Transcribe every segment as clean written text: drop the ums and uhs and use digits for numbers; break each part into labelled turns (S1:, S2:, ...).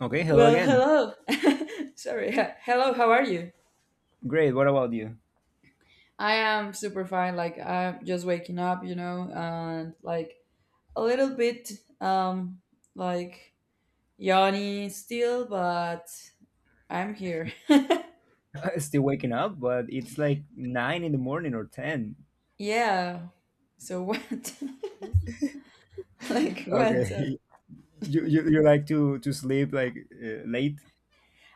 S1: Okay, hello
S2: Well,
S1: again.
S2: hello. Sorry. Hello, how are you?
S1: Great. What about you?
S2: I am super fine. Like I'm just waking up, you know, and like a little bit um like yawny still, but I'm here.
S1: Still waking up, but it's like 9 in the morning or 10.
S2: Yeah. So what? like what?
S1: Okay, you like to sleep like late?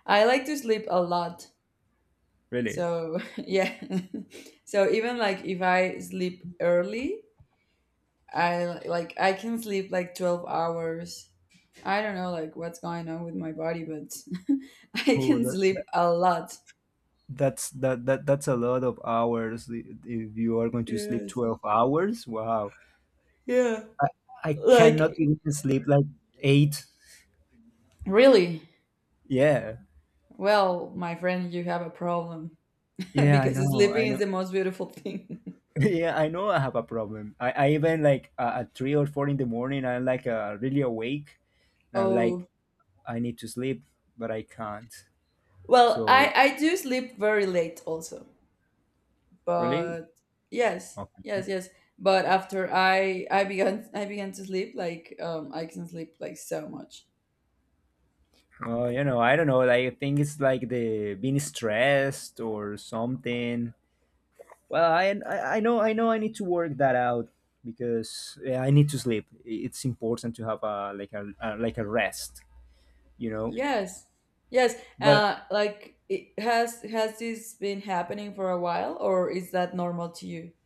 S2: I like to sleep a lot.
S1: Really?
S2: So yeah. So even like if I sleep early, I can sleep like 12 hours. I don't know like what's going on with my body, but I
S1: Oh,
S2: can
S1: that, that
S2: sleep a lot.
S1: that's that, that that's a lot of hours. If you are going to sleep
S2: Yes.
S1: 12 hours, wow!
S2: Yeah.
S1: I I cannot
S2: Like,
S1: even sleep like eight.
S2: really?
S1: Yeah,
S2: Well, my friend, you have a problem
S1: yeah, I
S2: because
S1: know, I
S2: sleeping is
S1: know.
S2: the most beautiful thing.
S1: Yeah, I know I have a problem. I even like at 3 or 4 in the morning, I'm like really awake, and I'm like,
S2: Oh,
S1: I need to sleep, but I can't.
S2: well,
S1: So
S2: I do sleep very late also,
S1: really,
S2: but yes,
S1: okay.
S2: yes, yes. But after I began to sleep like I can sleep like so much.
S1: Well, I don't know. Like, I think it's like the being stressed or something. Well, I know I need to work that out because yeah, I need to sleep. It's important to have a rest, you know.
S2: Yes, yes.
S1: But
S2: Like it has this been happening for a while, or is that normal to you?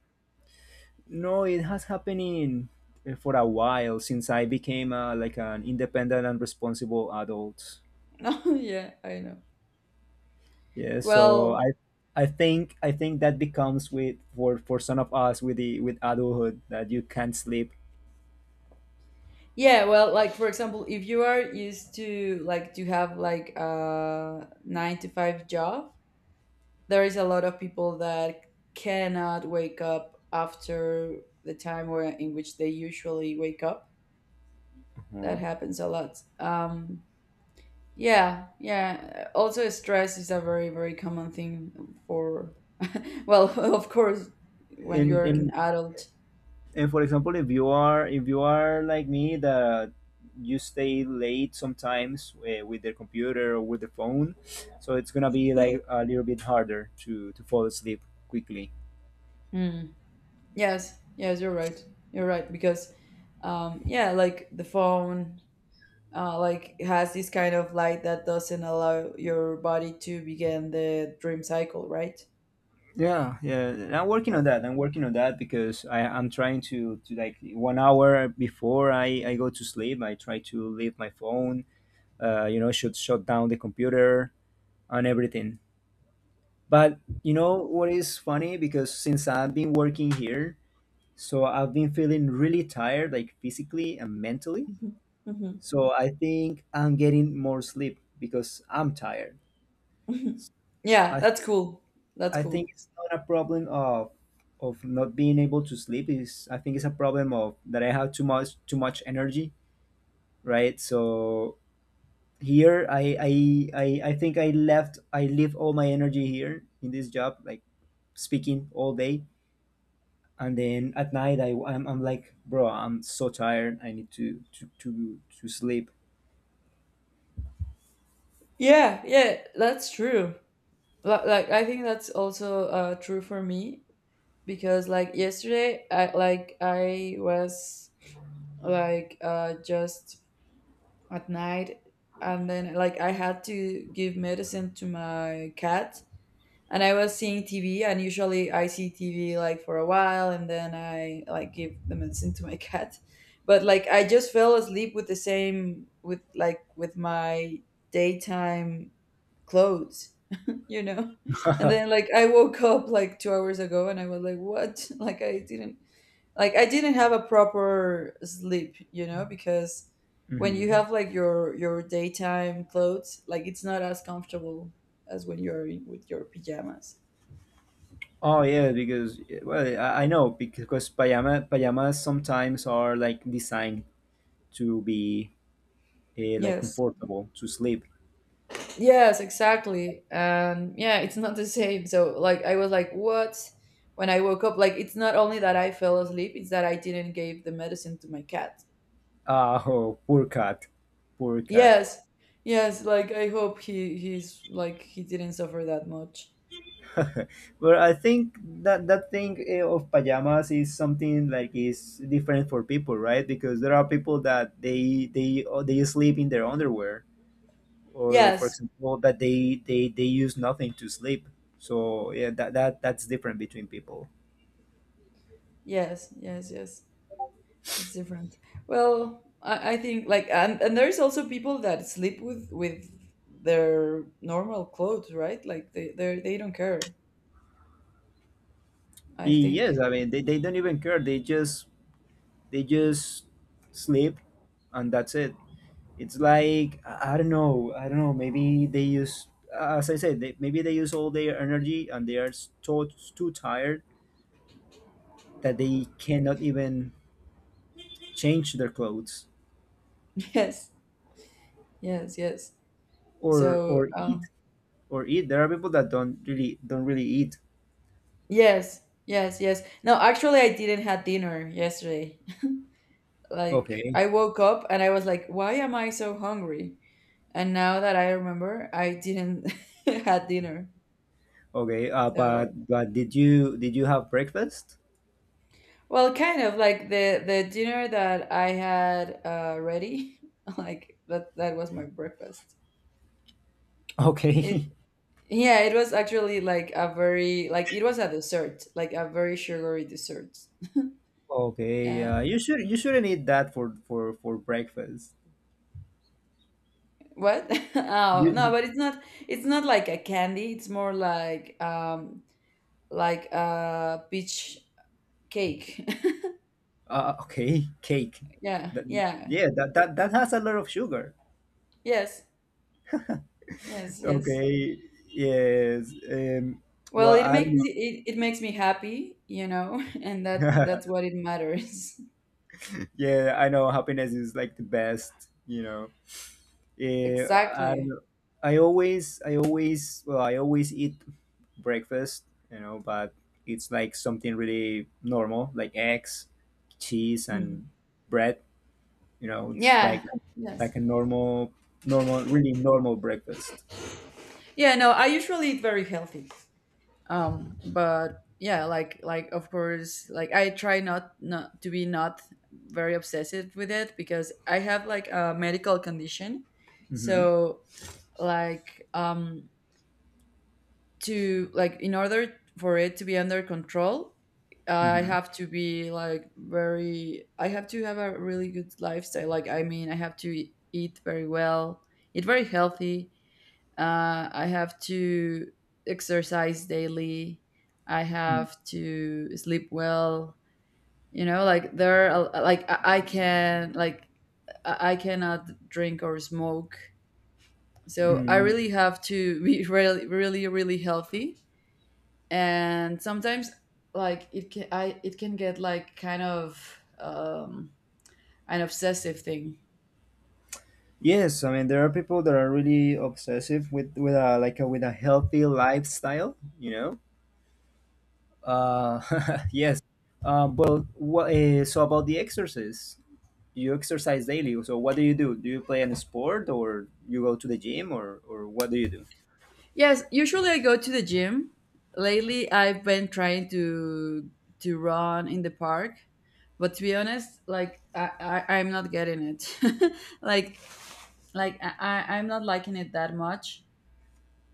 S1: no, it has happening for a while since I became like an independent and responsible adult.
S2: No, yeah, I know.
S1: Yeah, so
S2: Well,
S1: I think that becomes with for some of us with the with adulthood that you can't sleep.
S2: yeah, well, like for example, if you are used to like to have like a 9 to 5 job, there is a lot of people that cannot wake up after the time where in which they usually wake up. That
S1: Mhm.
S2: happens a lot. Yeah, yeah. Also, stress is a very, very common thing for, well, of course, when you're an
S1: In
S2: adult.
S1: and for example, if you are like me that you stay late sometimes with the computer or with the phone, so it's gonna be like a little bit harder to fall asleep quickly.
S2: Mm. Yes, yes, you're right. You're right because, yeah, like the phone, like has this kind of light that doesn't allow your body to begin the dream cycle, right?
S1: Yeah, yeah. And I'm working on
S2: Or
S1: that. I'm working on that because I'm trying to like 1 hour before I go to sleep, I try to leave my phone, should shut down the computer and everything. But you know what is funny, because since I've been working here, so I've been feeling really tired, like physically and mentally.
S2: mhm, mhm,
S1: So I think I'm getting more sleep because I'm tired.
S2: mhm. Yeah,
S1: i
S2: that's cool. That's
S1: i
S2: cool.
S1: think it's not a problem of not being able to sleep is I think it's a problem of that I have too much energy, right? So here, I think I leave all my energy here in this job, like speaking all day. And then at night, I'm like, bro, I'm so tired, I need to sleep.
S2: Yeah, yeah, that's true. Like I think that's also true for me. Because like yesterday I was just at night, and then like I had to give medicine to my cat, and I was seeing TV, and usually I see TV like for a while, and then I like give the medicine to my cat. But like I just fell asleep with the same, with like with my daytime clothes, you know. And then like I woke up like 2 hours ago, and I was like, what? Like I didn't have a proper sleep, you know, because when you
S1: Hmm.
S2: have like your daytime clothes, like it's not as comfortable as when you're in, with your pajamas.
S1: Oh yeah, because well, I know, because pajamas sometimes are like designed to be like
S2: Yes,
S1: comfortable to sleep.
S2: yes, exactly. Yeah, it's not the same. So like I was like, what? When I woke up, like it's not only that I fell asleep, it's that I didn't give the medicine to my cat.
S1: Ah, oh, poor cat, poor cat.
S2: Yes, yes. Like I hope he's like he didn't suffer that much.
S1: But I think that that thing of pajamas is something like is different for people, right? Because there are people that they sleep in their underwear, or for
S2: Yes,
S1: example, that they use nothing to sleep. So yeah, that's different between people.
S2: yes, yes, yes. It's different. Well, I think like and there's also people that sleep with their normal clothes, right? Like they don't care. I
S1: Yes,
S2: think.
S1: I mean they don't even care. They just sleep, and that's it. It's like I don't know, I don't know. Maybe they use, as I said, maybe they use all their energy, and they are so too tired that they cannot even change their clothes
S2: Yes. Yes. Yes.
S1: or
S2: So
S1: or eat
S2: um,
S1: or eat. There are people that don't really eat.
S2: yes. Yes. Yes. No, actually, I didn't have dinner yesterday. Like
S1: Okay.
S2: I woke up and I was like, why am I so hungry? And now that I remember, I didn't had dinner.
S1: Okay. Uh, but
S2: So
S1: but did you have breakfast?
S2: Well, kind of like the dinner that I had ready, like that was my breakfast.
S1: Okay,
S2: It Yeah, it was actually like a very, like it was a dessert, like a very sugary dessert.
S1: okay.
S2: Uh,
S1: Yeah, you shouldn't eat that for breakfast.
S2: what? Oh no,
S1: You
S2: but it's not like a candy. It's more like a peach cake.
S1: Okay, cake.
S2: Yeah,
S1: That,
S2: yeah,
S1: yeah, that has a lot of sugar.
S2: yes, yes, yes.
S1: Okay. Yes.
S2: Well,
S1: Well,
S2: it
S1: I don't
S2: makes
S1: know.
S2: me it, it makes me happy, you know, and that that's what it matters.
S1: Yeah, I know happiness is like the best, you know. Yeah, I don't
S2: Exactly.
S1: know. I always eat breakfast, you know, but it's like something really normal, like eggs, cheese,
S2: Mhm.
S1: and bread. You know, it's
S2: Yeah.
S1: like
S2: Yes.
S1: like a normal, normal, really normal breakfast.
S2: Yeah. No, I usually eat very healthy. But yeah, like of course, like I try not to be not very obsessive with it because I have like a medical condition.
S1: Mm-hmm.
S2: So like to like in order for it to be under control, I
S1: Mm-hmm.
S2: have to be like very I have to have a really good lifestyle. Like I mean, I have to eat very well, eat very healthy, I have to exercise daily. I have to sleep well. You know, like there, are, like I can, like I cannot drink or smoke. So I
S1: Mm.
S2: really have to be really, really, really healthy. And sometimes, like it can, I it can get like kind of an obsessive thing.
S1: Yes, I mean there are people that are really obsessive with a healthy lifestyle, you know. Uh, yes. Well, so about the exercise, you exercise daily. So what do you do? Do you play any sport, or you go to the gym, or what do you do?
S2: Yes, usually I go to the gym. Lately, I've been trying to run in the park, but to be honest, like i, I'm not getting it, like I'm not liking it that much.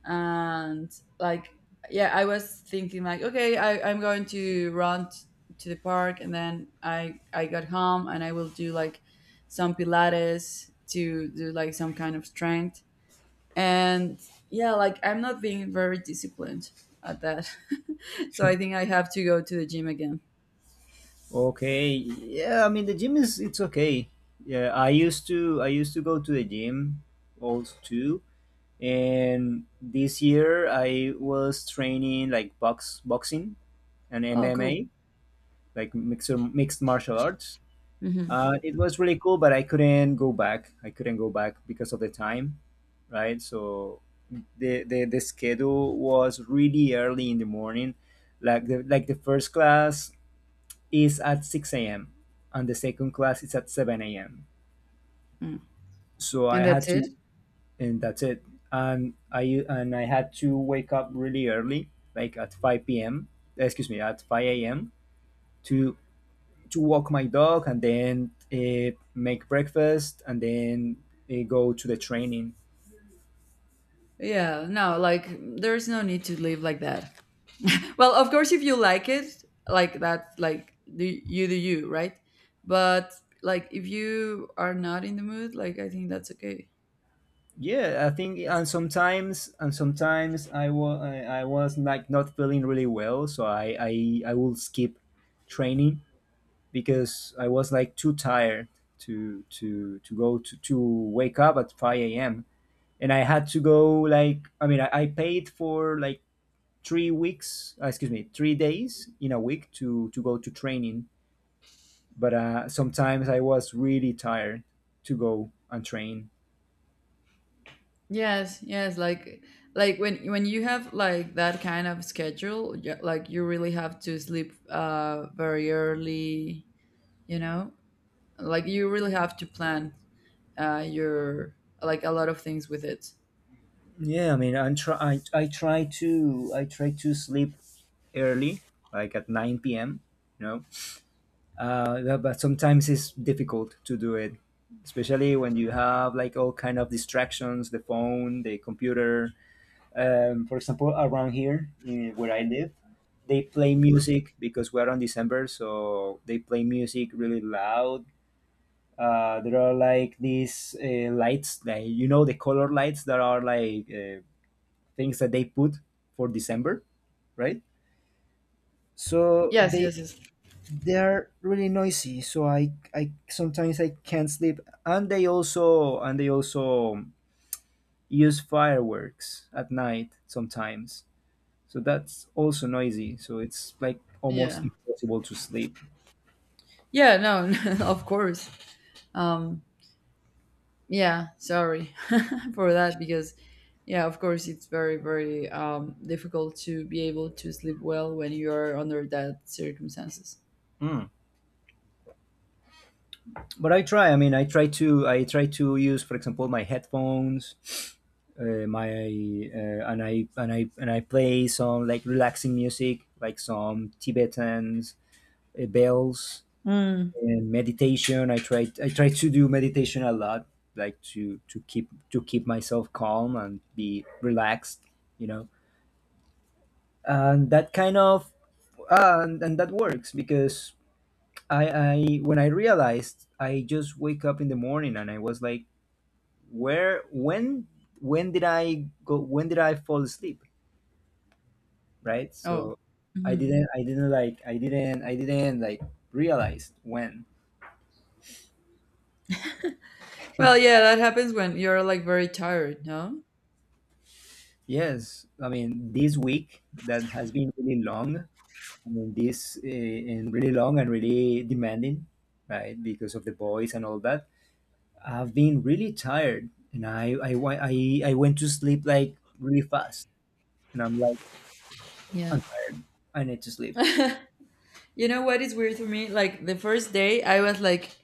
S2: And like yeah, I was thinking like, okay, I'm going to to the park, and then I got home and I will do like some pilates, to do like some kind of strength. And yeah, like I'm not being very disciplined at that. So I think I have to go to the gym again.
S1: Okay, yeah, I mean the gym is it's okay. Yeah, I used to go to the gym also too, and this year I was training like boxing and
S2: Oh cool.
S1: MMA, like mixed martial arts.
S2: Hmm.
S1: It was really cool, but I couldn't go back because of the time. Right, so the schedule was really early in the morning, like the first class is at 6 a.m. and the second class is at 7 a.m.,
S2: And
S1: so I had
S2: that's it.
S1: to and that's it. And I had to wake up really early, like at 5 p.m. Excuse me, at 5 a.m. to to walk my dog, and then make breakfast, and then go to the training.
S2: Yeah, no, like there's no need to live like that. Well, of course, if you like it, like that, like do you, right? But like if you are not in the mood, like I think that's okay.
S1: Yeah, I think, and sometimes I was like not feeling really well, so I will skip training because I was like too tired to go to wake up at 5 a.m. And I had to go, like I mean, I paid for like 3 weeks, excuse me, 3 days in a week to go to training, but sometimes I was really tired to go and train.
S2: Yes, yes, like when you have like that kind of schedule, like you really have to sleep very early, you know? Like you really have to plan your like a lot of things with it.
S1: Yeah, I mean, I'm try I try to sleep early, like at 9 p.m., you know. But sometimes it's difficult to do it, especially when you have like all kind of distractions, the phone, the computer. For example, around here, where I live, they play music because we're on December, so they play music really loud. There are like these lights, that you know, the color lights that are like things that they put for December, right? So
S2: Yes,
S1: they
S2: yes, yes.
S1: they are really noisy. So I sometimes I can't sleep, and they also use fireworks at night sometimes. So that's also noisy. So it's like almost
S2: Yeah.
S1: impossible to sleep.
S2: Yeah, no, of course. Um, yeah, sorry for that because, yeah, of course, it's very, very difficult to be able to sleep well when you are under that circumstances.
S1: Mm. But I try. I mean, I try to. I try to use, for example, my headphones, my and I play some like relaxing music, like some Tibetans, bells,
S2: Mm.
S1: and meditation. I try. I try to do meditation a lot, like to keep myself calm and be relaxed. You know, and that kind of and that works because I when I realized I just wake up in the morning and I was like, where when did I go when did I fall asleep, right?
S2: Oh,
S1: So
S2: hmm,
S1: I didn't like realize when.
S2: well, yeah, that happens when you're like very tired, no?
S1: Yes, I mean this week that has been really long. I mean this and really long and really demanding, right? Because of the boys and all that, I've been really tired, and I went to sleep like really fast, and I'm like,
S2: Yeah.
S1: I'm tired. I need to sleep.
S2: You know what is weird for me? Like the first day, I was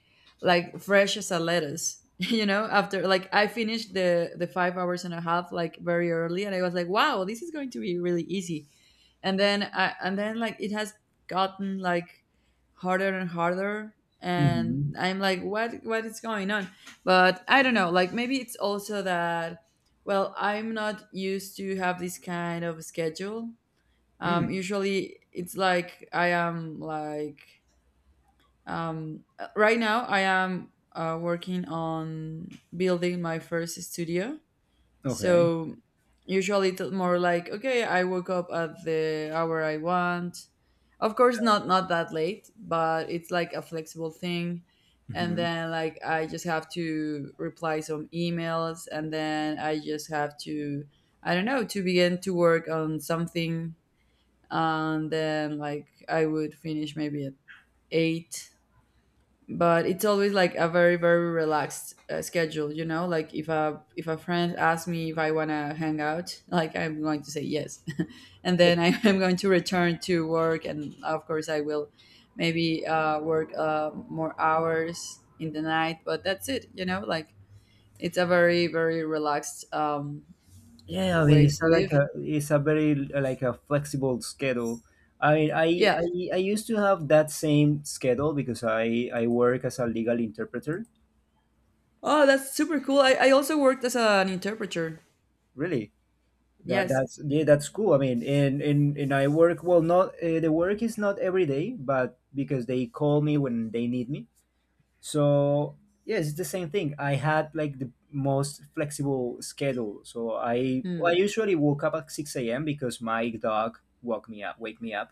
S2: like fresh as a lettuce. You know, after like I finished the 5 hours and a half like very early, and I was like, wow, this is going to be really easy. And then I and then like it has gotten like harder and harder,
S1: Hmm.
S2: and I'm like, what is going on? But I don't know. Like maybe it's also that. Well, I'm not used to have this kind of schedule. Um
S1: Mm,
S2: usually it's like I am like Right now I am working on building my first studio.
S1: okay.
S2: So usually it's more like, okay, I woke up at the hour I want, of course not not that late, but it's like a flexible thing. And
S1: Hmm.
S2: then like I just have to reply some emails, and then I just have to, I don't know, to begin to work on something. And then like I would finish maybe at eight. But it's always like a very, very relaxed schedule, you know. Like if a friend asks me if I wanna hang out, like I'm going to say yes, and then I am going to return to work, and of course I will maybe work more hours in the night. But that's it, you know. Like it's a very, very relaxed
S1: Yeah, I mean,
S2: way
S1: it's
S2: to
S1: a, like
S2: live.
S1: a it's a very like a flexible schedule. I I,
S2: Yeah.
S1: I I used to have that same schedule because I work as a legal interpreter.
S2: Oh, that's super cool. I also worked as an interpreter.
S1: Really, that
S2: Yes.
S1: that's yeah, that's cool. I mean, and I work well. Not The work is not every day, but because they call me when they need me. So yes, it's the same thing. I had like the most flexible schedule. So I
S2: Hmm.
S1: usually woke up at 6 a.m. because my dog woke me up. Wake me up.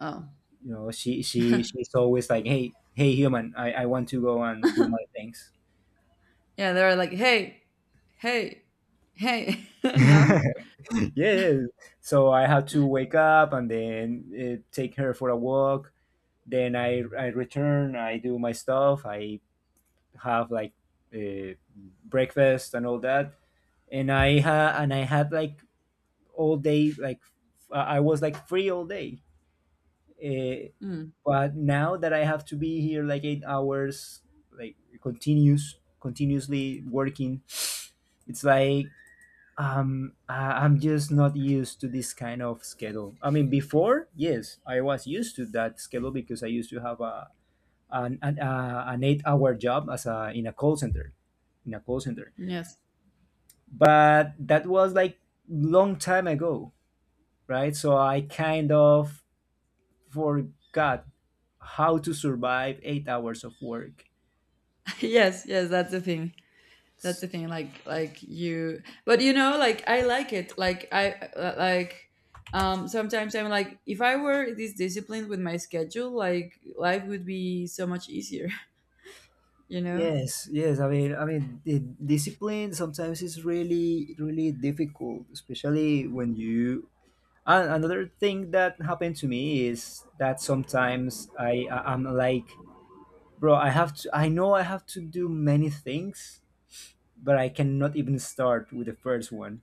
S2: Oh.
S1: You know, she's always like, hey, hey, human, I want to go and do my things.
S2: Yeah, they're like, hey, hey, hey. No?
S1: yeah. So I had to wake up and then take her for a walk. Then I return. I do my stuff. I have like uh, breakfast and all that. And I had like all day like f- I was like free all day, uh,
S2: Hmm.
S1: but now that I have to be here like 8 hours, like continuously working, it's like I'm just not used to this kind of schedule. I mean before, yes, I was used to that schedule because I used to have a an 8-hour job as a in a call center, in a call center
S2: Yes.
S1: but that was like long time ago, right? So I kind of forgot how to survive 8 hours of work.
S2: Yes, yes, that's the thing. That's the thing. Like you but you know, like I like it. Like I sometimes I'm like, if I were this disciplined with my schedule, like life would be so much easier, you know?
S1: Yes, yes. I mean, the discipline sometimes is really, really difficult, especially when you. And another thing that happened to me is that sometimes I'm like, bro, I have to. I know I have to do many things, but I cannot even start with the first one.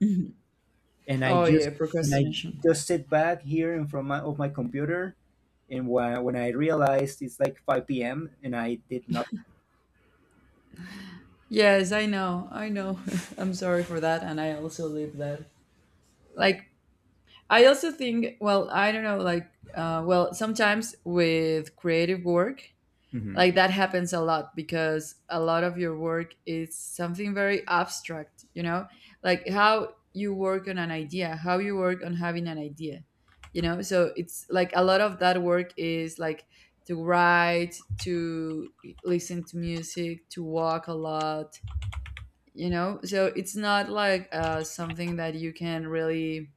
S1: and I
S2: Oh
S1: just
S2: yeah,
S1: and I
S2: procrastination.
S1: just sit back here in front of my computer, and when I realized it's like 5 p.m., and I did not.
S2: Yes, I know. I know. I'm sorry for that, and I also live that. Like I also think, well, I don't know, like, well, sometimes with creative work,
S1: Mhm.
S2: like that happens a lot because a lot of your work is something very abstract, you know, like how you work on an idea, how you work on having an idea, you know. So it's like a lot of that work is like to write, to listen to music, to walk a lot, you know. So it's not like something that you can really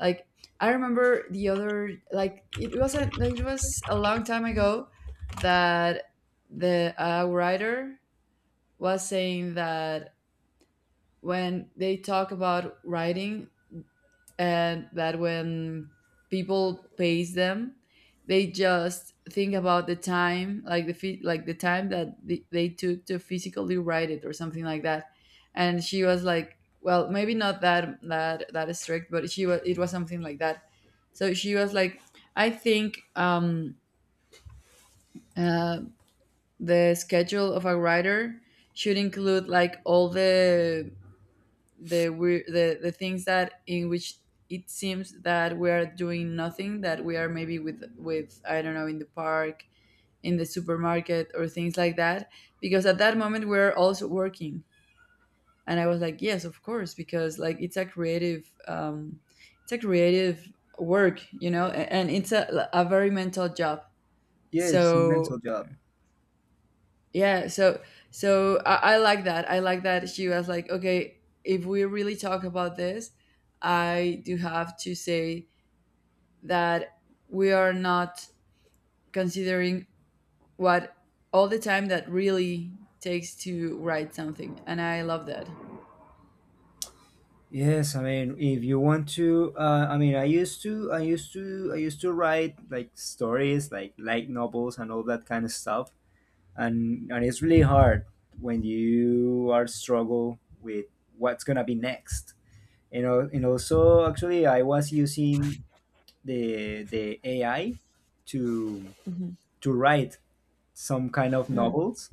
S2: like I remember the other like it wasn't like, it was a long time ago that the writer was saying that when they talk about writing and that when people pays them they just think about the time like the like the time that they took to physically write it or something like that. And she was like, well, maybe not that strict, but she was it was something like that. So she was like, I think uh, the schedule of a writer should include like all the we the things that in which it seems that we are doing nothing, that we are maybe with I don't know in the park, in the supermarket or things like that, because at that moment we're also working. And I was like, yes, of course, because like it's a creative it's a creative work, and it's a very mental job.
S1: Yeah, it's a mental
S2: So.
S1: job.
S2: Yeah, I like that. I like that she was like, okay, if we really talk about this, I do have to say that we are not considering what, all the time that really takes to write something, and I love that.
S1: Yes, I mean, if you want to, I mean, I used to, I used to, I used to write like stories, like light novels and all that kind of stuff, and it's really hard when you are struggle with what's gonna be next. You know, and also actually, I was using the AI to
S2: Mm-hmm.
S1: to write some kind of novels.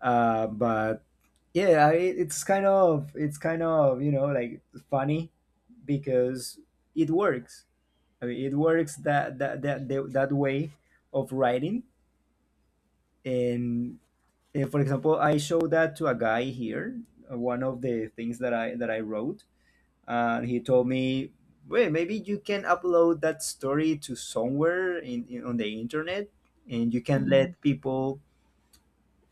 S1: But yeah, it's kind of you know like funny because it works. I mean, it works that way of writing. And, and, for example, I showed that to a guy here. One of the things that I wrote, and he told me, well, maybe you can upload that story to somewhere in on the internet, and you can
S2: Mm-hmm.
S1: let people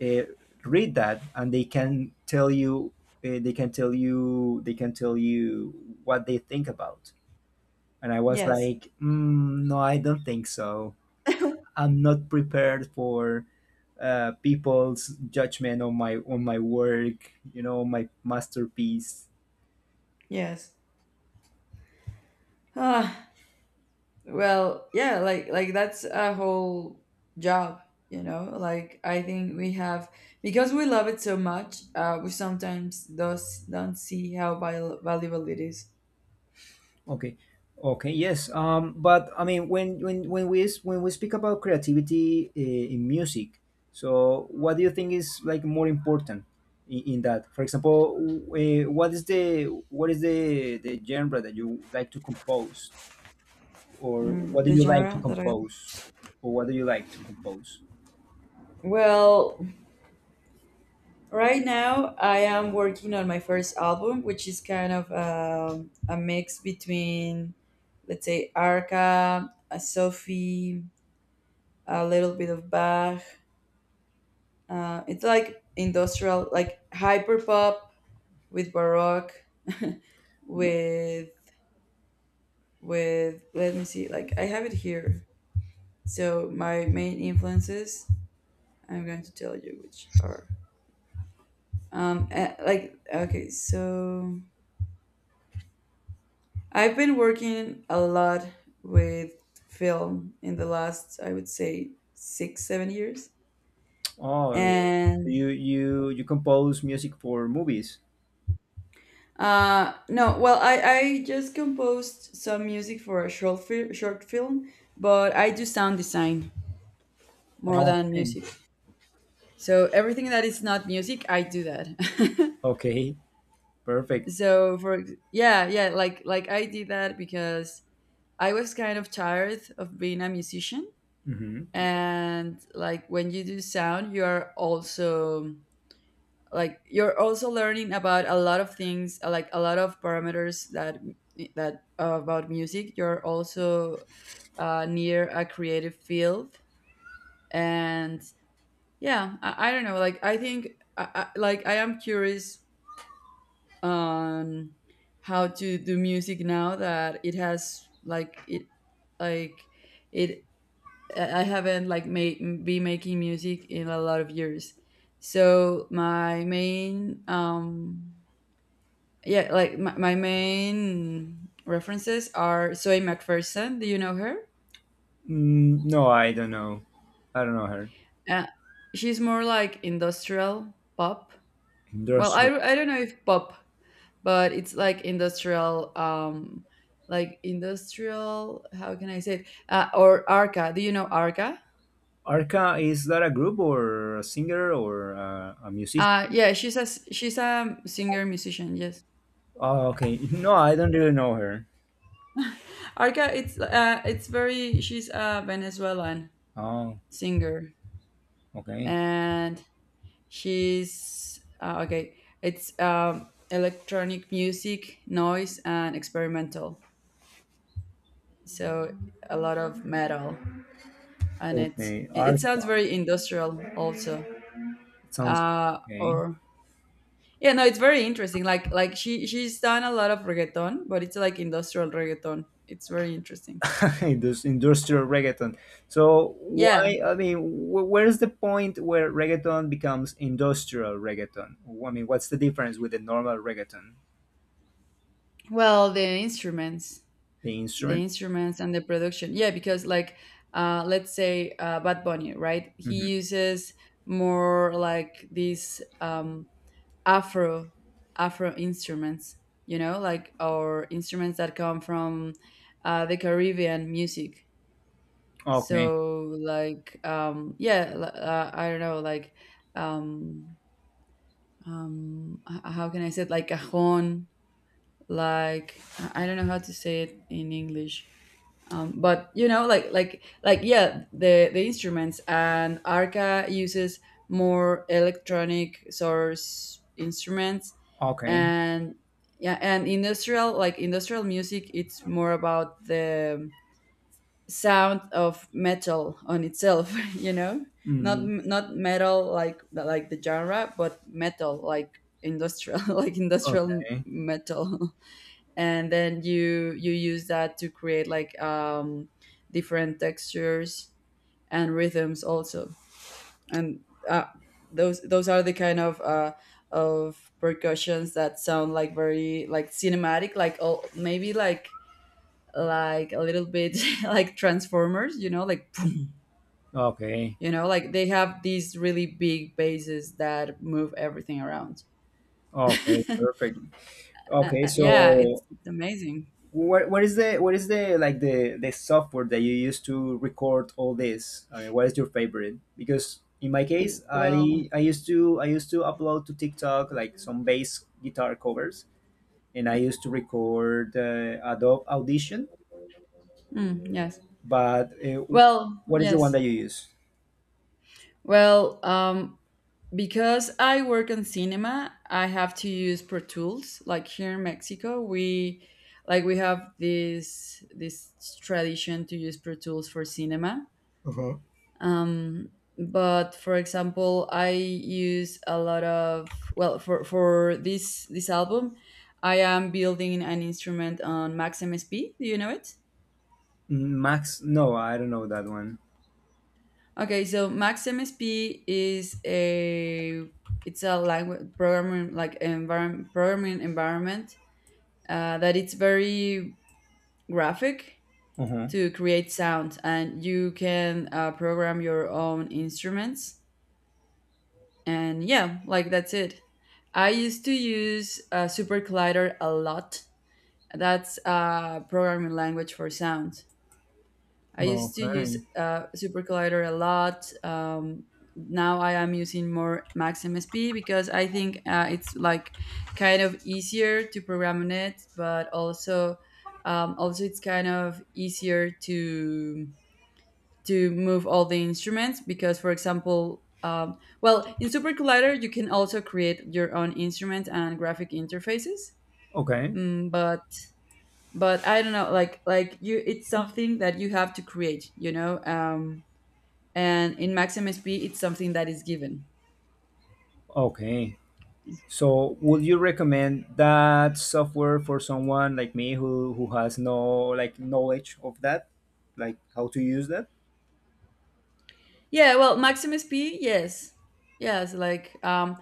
S1: uh, read that and they can tell you they can tell you what they think about. And I was
S2: Yes,
S1: like, mm, no, I don't think so. I'm not prepared for people's judgment on my work, you know, my masterpiece.
S2: yes. Ah, well, yeah, like that's a whole job, you know? Like I think we have, because we love it so much, we sometimes does don't see how valuable it is.
S1: Okay. Okay. Yes. But I mean, when we speak about creativity in music, so what do you think is like more important in that? For example, uh, what is the what is the genre that you like to compose, or what
S2: Mm,
S1: do
S2: the
S1: you like to
S2: genre that I.
S1: compose, or what do you like to compose?
S2: Well, right now I am working on my first album, which is kind of a mix between, let's say, Arca, a Sophie, a little bit of Bach. It's like industrial, like hyper pop, with baroque, with with let me see, like I have it here. So my main influences, I'm going to tell you which are. Like, okay, so I've been working a lot with film in the last, I would say, 6-7 years.
S1: Oh, so
S2: And
S1: you compose music for movies.
S2: no, well, I just composed some music for a short film, but I do sound design more
S1: Oh.
S2: than
S1: Okay.
S2: music. So everything that is not music, I do that.
S1: Okay. Perfect.
S2: So yeah, yeah, like I did that because I was kind of tired of being a musician.
S1: Mm-hmm.
S2: And like when you do sound, you are also, like, you're also learning about a lot of things, like a lot of parameters that, about music. You're also near a creative field. And yeah, I don't know, like I think, like, I am curious on how to do music now that it has, like it I haven't like made be making music in a lot of years. So my main, yeah, like my main references are Zoe McPherson. Do you know her?
S1: Mm, no, I don't know. I don't know her.
S2: uh, she's more like industrial pop. Well, I,
S1: Endorser.
S2: I don't know if pop, but it's like industrial like industrial, how can I say it? Or Arca, do you know Arca?
S1: Arca, is that a group or a singer or a musician?
S2: Yeah, she's she's a singer musician, yes.
S1: Oh, okay. No, I don't really know her.
S2: Arca, it's very. She's a Venezuelan
S1: Oh,
S2: singer.
S1: okay.
S2: And she's okay, it's electronic music, noise and experimental. So a lot of metal, and it
S1: Okay,
S2: it sounds
S1: Arca.
S2: very industrial also.
S1: It sounds okay.
S2: Or yeah, no, it's very interesting, like she she's done a lot of reggaeton, but it's like industrial reggaeton, it's very interesting.
S1: This industrial reggaeton. So
S2: Yeah,
S1: why? I mean, where is the point where reggaeton becomes industrial reggaeton? I mean, what's the difference with the normal reggaeton?
S2: well, the instruments
S1: The
S2: the
S1: instruments.
S2: instruments and the production, yeah, because like, let's say Bad Bunny, right? He
S1: Hmm.
S2: uses more like these afro afro instruments, or instruments that come from the Caribbean music.
S1: Okay.
S2: So like, yeah, I don't know, like um how can I say it? Like cajón. Like I don't know how to say it in English. But yeah, the instruments, and Arca uses more electronic source instruments.
S1: Okay.
S2: And yeah, and industrial music, it's more about the sound of metal on itself, you know. not
S1: Mhm.
S2: not metal like the genre, but metal like industrial like industrial
S1: Okay.
S2: metal. And then you use that to create like, different textures and rhythms also. And uh, those are the kind of percussions that sound like very like cinematic, like, oh, maybe like, a little bit, like Transformers, you know, like,
S1: Okay.
S2: you know, like they have these really big bases that move everything around.
S1: Okay,
S2: uh,
S1: perfect. Okay,
S2: yeah,
S1: so
S2: it's amazing.
S1: what is the like the software that you use to record all this? I mean, what is your favorite? Because in my case,
S2: Well,
S1: I used to upload to TikTok like some bass guitar covers, and I used to record, Adobe Audition.
S2: mm, yes.
S1: But
S2: Well,
S1: what is the one
S2: yes.
S1: that you use?
S2: Well, because I work in cinema, I have to use Pro Tools. Like here in Mexico, we, like, we have this tradition to use Pro Tools for cinema. um, but for example, I use a lot of, well, for this album I am building an instrument on Max MSP, do you know it?
S1: Max? No, I don't know that one.
S2: Okay, so Max MSP is a it's a language programming, like, environment programming environment, that it's very graphic,
S1: Uh-huh.
S2: to create sound and you can program your own instruments. And yeah, like, that's it. I used to use Super Collider a lot. That's a programming language for sound. I used to use
S1: Okay.
S2: Super Collider a lot. Now I am using more Max MSP because I think it's like kind of easier to program in it, but also, also it's kind of easier to move all the instruments because, for example, well, in Super Collider you can also create your own instruments and graphic interfaces.
S1: Okay.
S2: Mm, but I don't know, like you, it's something that you have to create, you know. And in MaxMSP, it's something that is given.
S1: Okay. So, would you recommend that software for someone like me who has no like knowledge of that, like how to use that?
S2: Yeah, well, MaxMSP, yes, yes, like,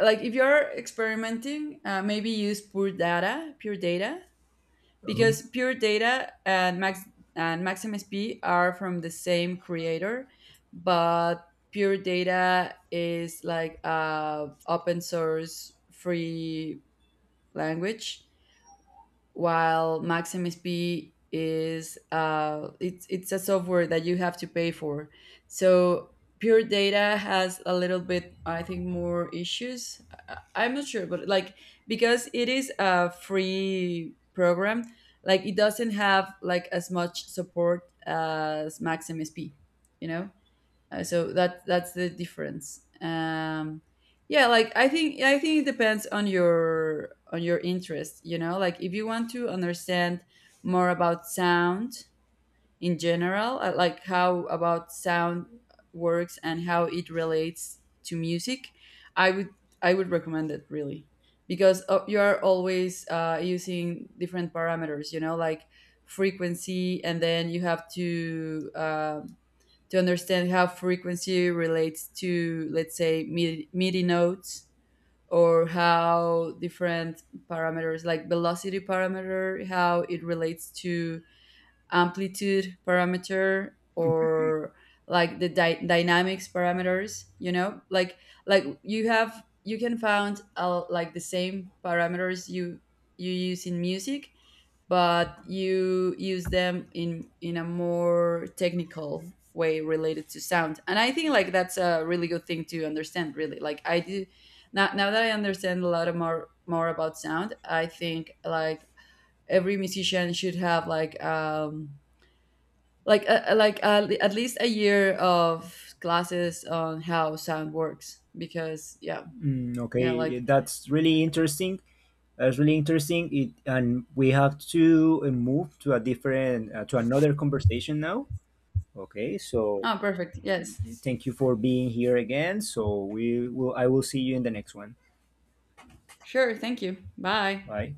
S2: like if you're experimenting, maybe use Pure Data, Pure Data, because Pure Data and Max and Maxim SP are from the same creator, but Pure Data is like a open source free language, while Maxim SP is it's a software that you have to pay for. So Pure Data has a little bit, I think, more issues. I, I'm not sure, but like, because it is a free program, like it doesn't have like as much support as Maxim SP. You know. So that's the difference. Yeah, like, I think it depends on your interest. You know, like if you want to understand more about sound in general, like, how about sound works and how it relates to music, I would I would recommend it, really, because you are always using different parameters. You know, like frequency, and then you have to understand how frequency relates to, let's say, MIDI notes, or how different parameters like velocity parameter, how it relates to amplitude parameter, or like the dynamics parameters, you know, like you can find like the same parameters you use in music, but you use them in a more technical way related to sound. And I think like that's a really good thing to understand, really, like I do. Now, now that I understand a lot of more about sound, I think like every musician should have like, at least a year of classes on how sound works. Because yeah.
S1: Mm, okay,
S2: Yeah,
S1: yeah,
S2: like.
S1: that's really interesting. That's really interesting. It, and we have to move to a different to another conversation now. Okay, so
S2: Oh, perfect, yes.
S1: thank you for being here again. So we will. I will see you in the next one.
S2: Sure, thank you, bye.
S1: Bye.